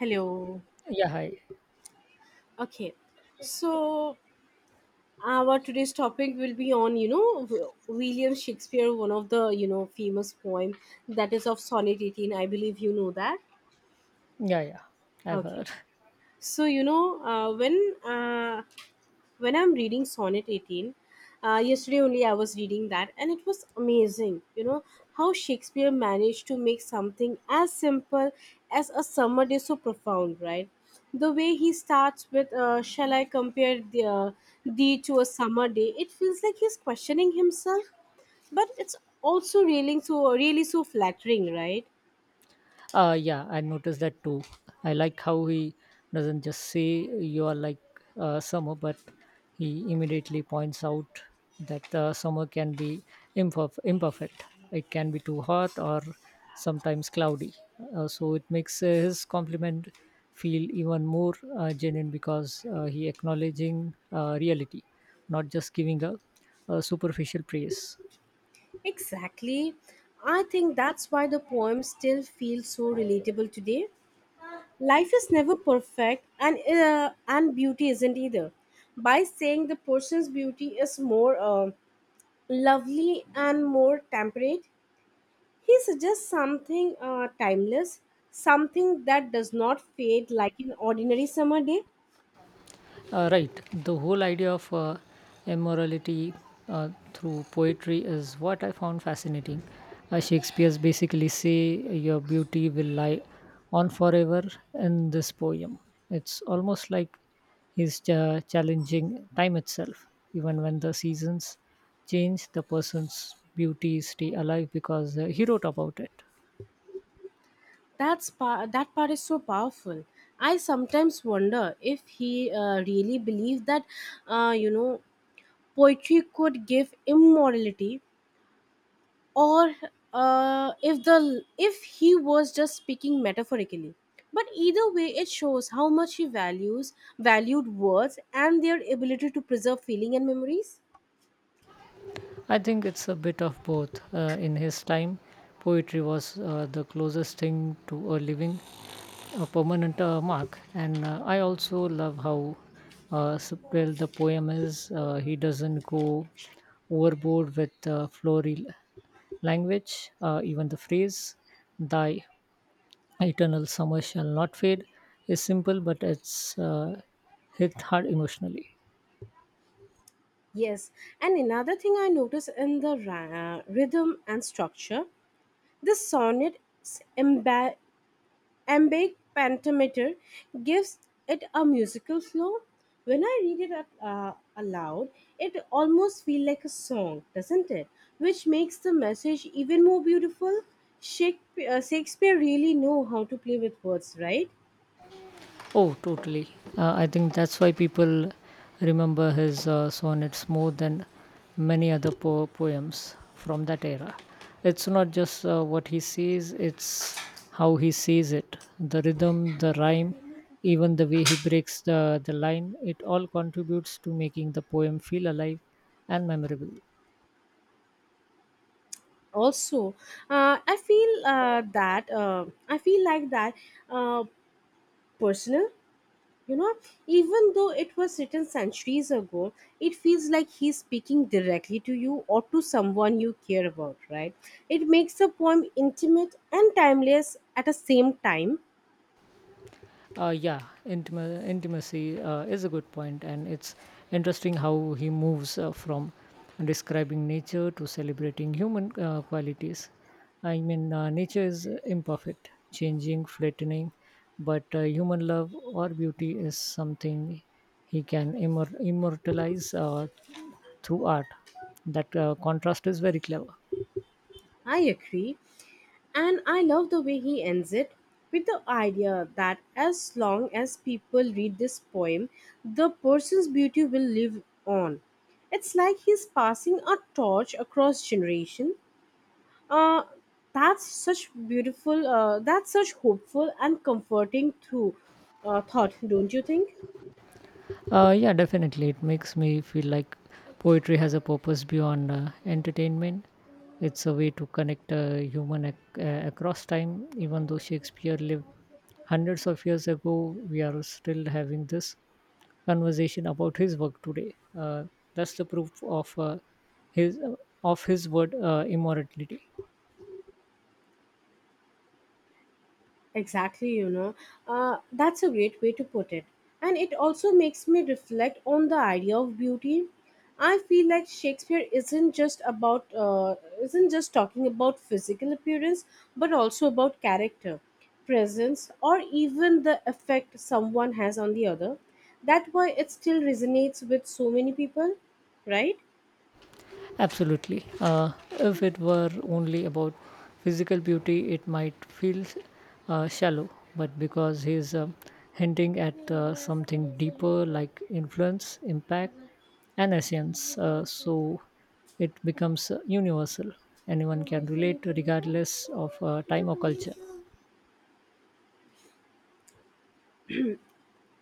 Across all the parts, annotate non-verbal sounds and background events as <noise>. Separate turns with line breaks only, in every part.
Hello.
Yeah, hi.
Okay. So our today's topic will be on, William Shakespeare, one of the, famous poem that is of Sonnet 18. I believe you know that.
Yeah, yeah. I've
Okay.
heard. <laughs>
So, when I'm reading Sonnet 18, yesterday only I was reading that, and it was amazing. You know how Shakespeare managed to make something as simple as a summer day so profound, right? The way he starts with, "Shall I compare thee to a summer day?" It feels like he's questioning himself, but it's also really so really so flattering, right?
Yeah, I noticed that too. I like how he doesn't just say you are like summer, but he immediately points out that summer can be imperfect. It can be too hot or sometimes cloudy. So it makes his compliment feel even more genuine because he acknowledging reality, not just giving a superficial praise.
Exactly. I think that's why the poem still feels so relatable today. Life is never perfect, and and beauty isn't either. By saying the person's beauty is more lovely and more temperate, he suggests something timeless, something that does not fade like an ordinary summer day.
Right. The whole idea of immorality through poetry is what I found fascinating. Shakespeare's basically say your beauty will lie on forever in this poem. It's almost like he's challenging time itself. Even when the seasons change, the person's beauty stay alive because he wrote about it.
That part is so powerful. I sometimes wonder if he really believed that, uh, you know poetry could give immortality, or if he was just speaking metaphorically. But either way, it shows how much he values valued words and their ability to preserve feeling and memories.
I think it's a bit of both. In his time, poetry was the closest thing to a living a permanent mark. And I also love how subtle the poem is. He doesn't go overboard with floral language. Even the phrase, thy eternal summer shall not fade, is simple, but it's hit hard emotionally.
Yes, and another thing I notice in the rhythm and structure, the sonnet, emba- ambient pentameter, gives it a musical flow. When I read it out, aloud, it almost feels like a song, doesn't it? Which makes the message even more beautiful. Shakespeare really know how to play with words, right?
Oh, totally. I think that's why people remember his sonnets more than many other poems from that era. It's not just what he sees, it's how he sees it. The rhythm, the rhyme, even the way he breaks the line, it all contributes to making the poem feel alive and memorable.
Also, I feel like that, uh, personal. You know, even though it was written centuries ago, it feels like he's speaking directly to you or to someone you care about, right? It makes the poem intimate and timeless at the same time.
Uh, yeah, intimacy is a good point, and it's interesting how he moves from describing nature to celebrating human qualities. I mean, nature is imperfect, changing, flattening, but human love or beauty is something he can immortalize through art. That contrast is very clever.
I agree. And I love the way he ends it, with the idea that as long as people read this poem, the person's beauty will live on. It's like he's passing a torch across generation. uh, that's such hopeful and comforting through thought, don't you think?
Yeah, definitely. It makes me feel like poetry has a purpose beyond entertainment. It's a way to connect a human across time. Even though Shakespeare lived hundreds of years ago, we are still having this conversation about his work today. That's the proof of his of his word immortality.
Exactly, you know. That's a great way to put it. And it also makes me reflect on the idea of beauty. I feel like Shakespeare isn't just talking about physical appearance, but also about character, presence, or even the effect someone has on the other. That' why it still resonates with so many people, right?
Absolutely. If it were only about physical beauty, it might feel shallow, but because he's hinting at something deeper like influence, impact, and essence, so it becomes universal. Anyone can relate regardless of time or culture.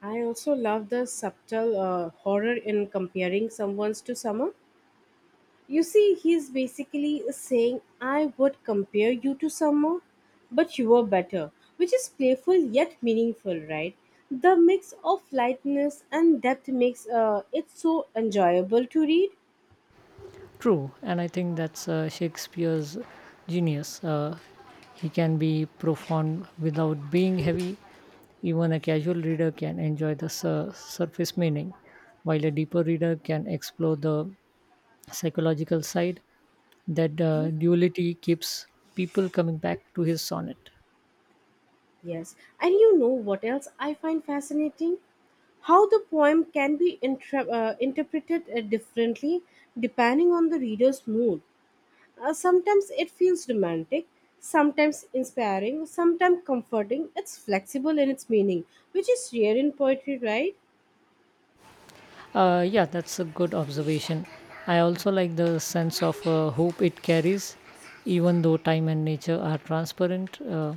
I also love the subtle horror in comparing someone's to someone. You see, he's basically saying, I would compare you to someone, but you are better, which is playful yet meaningful, right? The mix of lightness and depth makes it so enjoyable to read.
True, and I think that's Shakespeare's genius. He can be profound without being heavy. Even a casual reader can enjoy the surface meaning, while a deeper reader can explore the psychological side. That duality keeps people coming back to his sonnet.
Yes, and you know what else I find fascinating? How the poem can be interpreted differently depending on the reader's mood. Sometimes it feels romantic, sometimes inspiring, sometimes comforting. It's flexible in its meaning, which is rare in poetry, right?
Yeah, that's a good observation. I also like the sense of hope it carries, even though time and nature are transparent.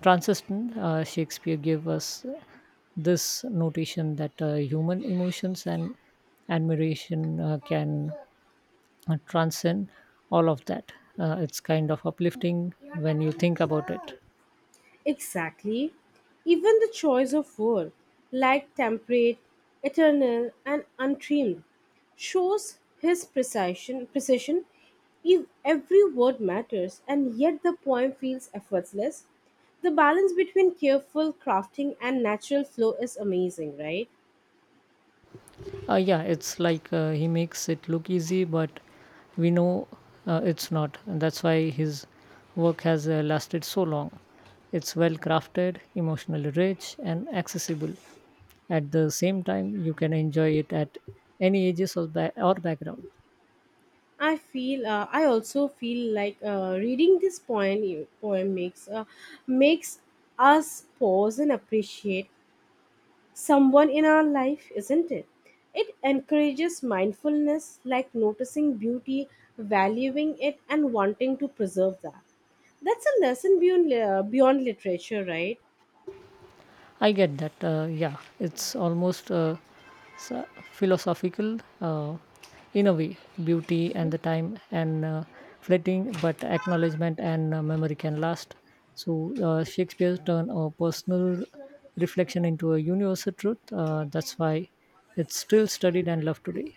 Transistent, Shakespeare gave us this notation that human emotions and admiration can transcend all of that. It's kind of uplifting when you think about it.
Exactly. Even the choice of word, like temperate, eternal, and untrimmed, shows his precision. Precision. If every word matters, and yet the poem feels effortless, the balance between careful crafting and natural flow is amazing, right?
Yeah, it's like he makes it look easy, but we know it's not. And that's why his work has lasted so long. It's well crafted, emotionally rich, and accessible. At the same time, you can enjoy it at any ages or background.
I also feel like reading this poem e, poem makes us pause and appreciate someone in our life, isn't it? It encourages mindfulness, like noticing beauty, valuing it, and wanting to preserve that. That's a lesson beyond literature, right?
I get that. Yeah, it's almost philosophical in a way. Beauty and the time and fleeting, but acknowledgement and memory can last. So Shakespeare turned a personal reflection into a universal truth. That's why it's still studied and loved today.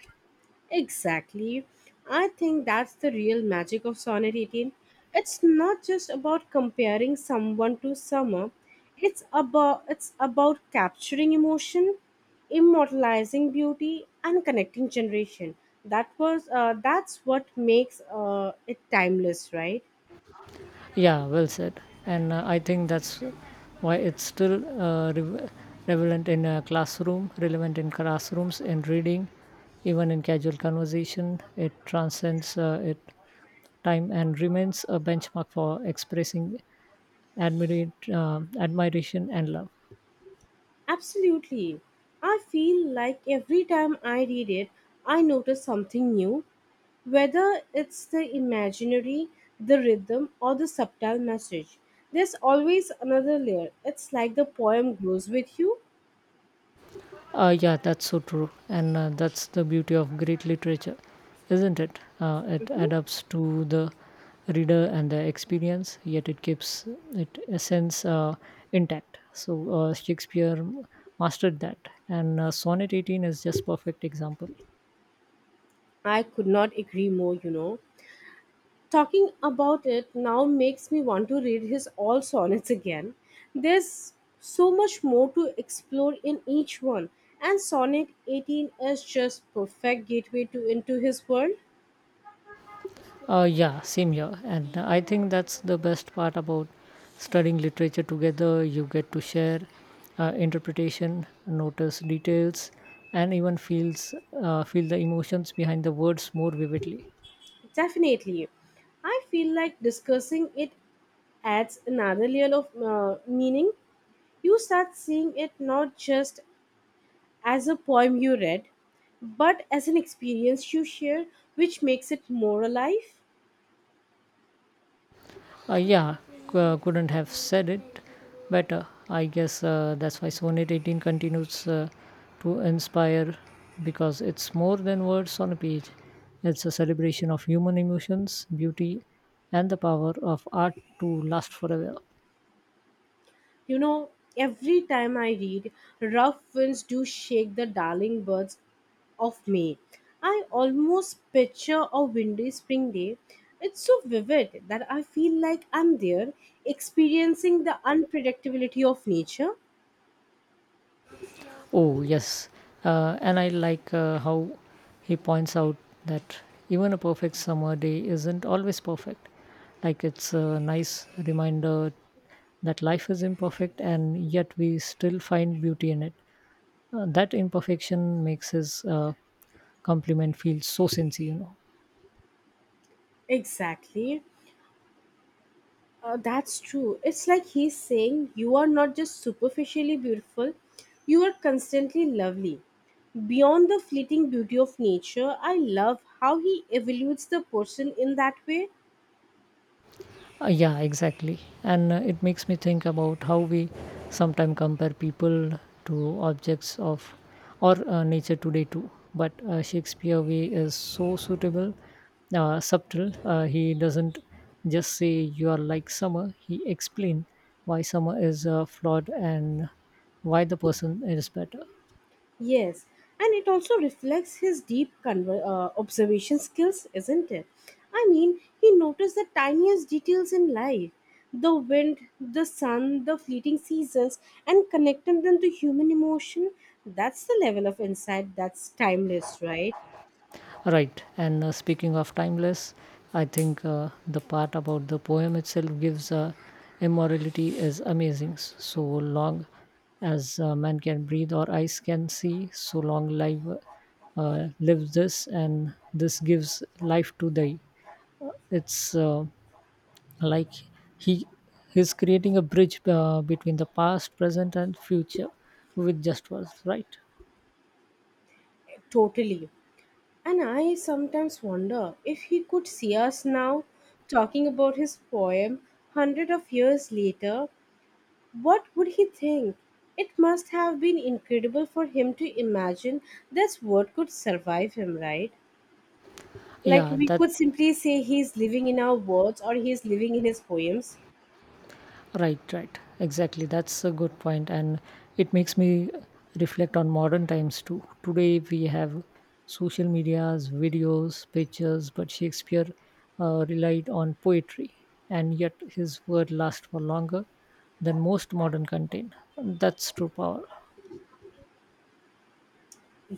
Exactly. I think that's the real magic of Sonnet 18. It's not just about comparing someone to summer. It's about capturing emotion, immortalizing beauty, and connecting generation. That's what makes it timeless, right?
Yeah, well said. And I think that's why it's still relevant in classrooms, in reading, even in casual conversation. It transcends it time and remains a benchmark for expressing admiration and love.
Absolutely. I feel like every time I read it, I notice something new. Whether it's the imaginary, the rhythm, or the subtle message, there's always another layer. It's like the poem grows with you.
Yeah, that's so true. And that's the beauty of great literature, isn't it? It
Mhm.
adapts to the reader and the experience, yet it keeps its essence intact. So Shakespeare mastered that. And Sonnet 18 is just perfect example.
I could not agree more, you know. Talking about it now makes me want to read his all sonnets again. There's so much more to explore in each one, and Sonnet 18 is just perfect gateway to into his world.
Yeah, same here. And I think that's the best part about studying literature together. You get to share interpretation, notice details, and even feel the emotions behind the words more vividly.
Definitely. I feel like discussing it adds another layer of meaning. You start seeing it not just as a poem you read, but as an experience you share, which makes it more alive.
Uh, yeah, couldn't have said it better. I guess that's why Sonnet 18 continues to inspire because it's more than words on a page. It's a celebration of human emotions, beauty, and the power of art to last forever.
You know, every time I read, rough winds do shake the darling birds of May. I almost picture a windy spring day. It's so vivid that I feel like I'm there experiencing the unpredictability of nature.
Oh, yes. And I like how he points out that even a perfect summer day isn't always perfect. Like, it's a nice reminder that life is imperfect and yet we still find beauty in it. That imperfection makes his compliment feel so sincere, you know.
Exactly. That's true. It's like he's saying, You are not just superficially beautiful, you are constantly lovely. Beyond the fleeting beauty of nature, I love how he evaluates the person in that way.
Yeah, exactly. And it makes me think about how we sometimes compare people to objects of or nature today too. But Shakespeare way is so subtle. He doesn't just say you are like summer. He explain why summer is flawed and why the person is better.
Yes, and it also reflects his deep observation skills, isn't it? I mean, he noticed the tiniest details in life, the wind, the sun, the fleeting seasons, and connecting them to human emotion. That's the level of insight that's timeless, right?
Right. And speaking of timeless, I think the part about the poem itself gives immorality is amazing. So long as man can breathe or eyes can see, so long life live this, and this gives life to thee. It's like he he's creating a bridge between the past, present, and future with just words. Right.
Totally. And I sometimes wonder if he could see us now talking about his poem hundred of years later. What would he think? It must have been incredible for him to imagine this word could survive him, right? Like
Yeah,
we
that.
could simply say he's living in our words or he's living in his poems.
Right, right. Exactly. That's a good point, and it makes me reflect on modern times too. Today we have social medias, videos, pictures, but Shakespeare relied on poetry, and yet his word lasts for longer than most modern content. That's true power.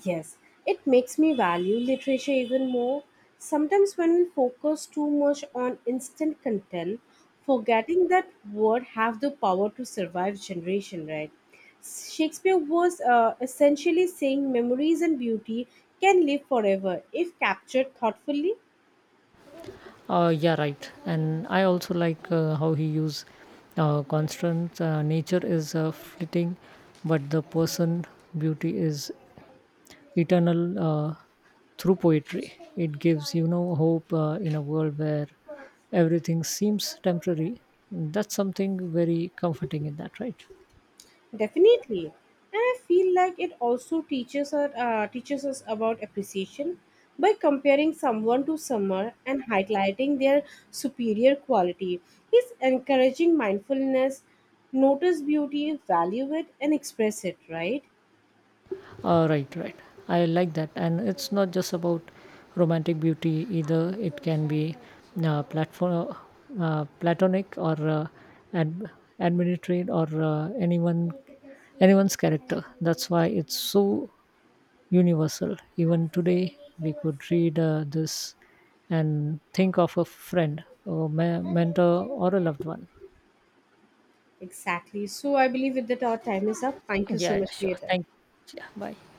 Yes, it makes me value literature even more. Sometimes, when we focus too much on instant content, forgetting that words have the power to survive generation, right? Shakespeare was essentially saying memories and beauty can live forever if captured thoughtfully.
Yeah, right. And I also like how he use constant. Nature is fleeting, but the person beauty is eternal. Uh, through poetry. It gives, you know, hope in a world where everything seems temporary. That's something very comforting in that, right?
Definitely, and I feel like it also teaches us about appreciation by comparing someone to someone and highlighting their superior quality. It's encouraging mindfulness, notice beauty, value it, and express it. Right?
Right, right. I like that. And it's not just about romantic beauty either, it can be uh, platform, platonic or ad- administrative or anyone's character, that's why it's so universal. Even today, we could read this and think of a friend, or mentor, or a loved one.
Exactly. So I believe with that our time is up. Thank you so
Yeah, yeah,
much for
sure.
your time.
Thank you. Yeah, bye.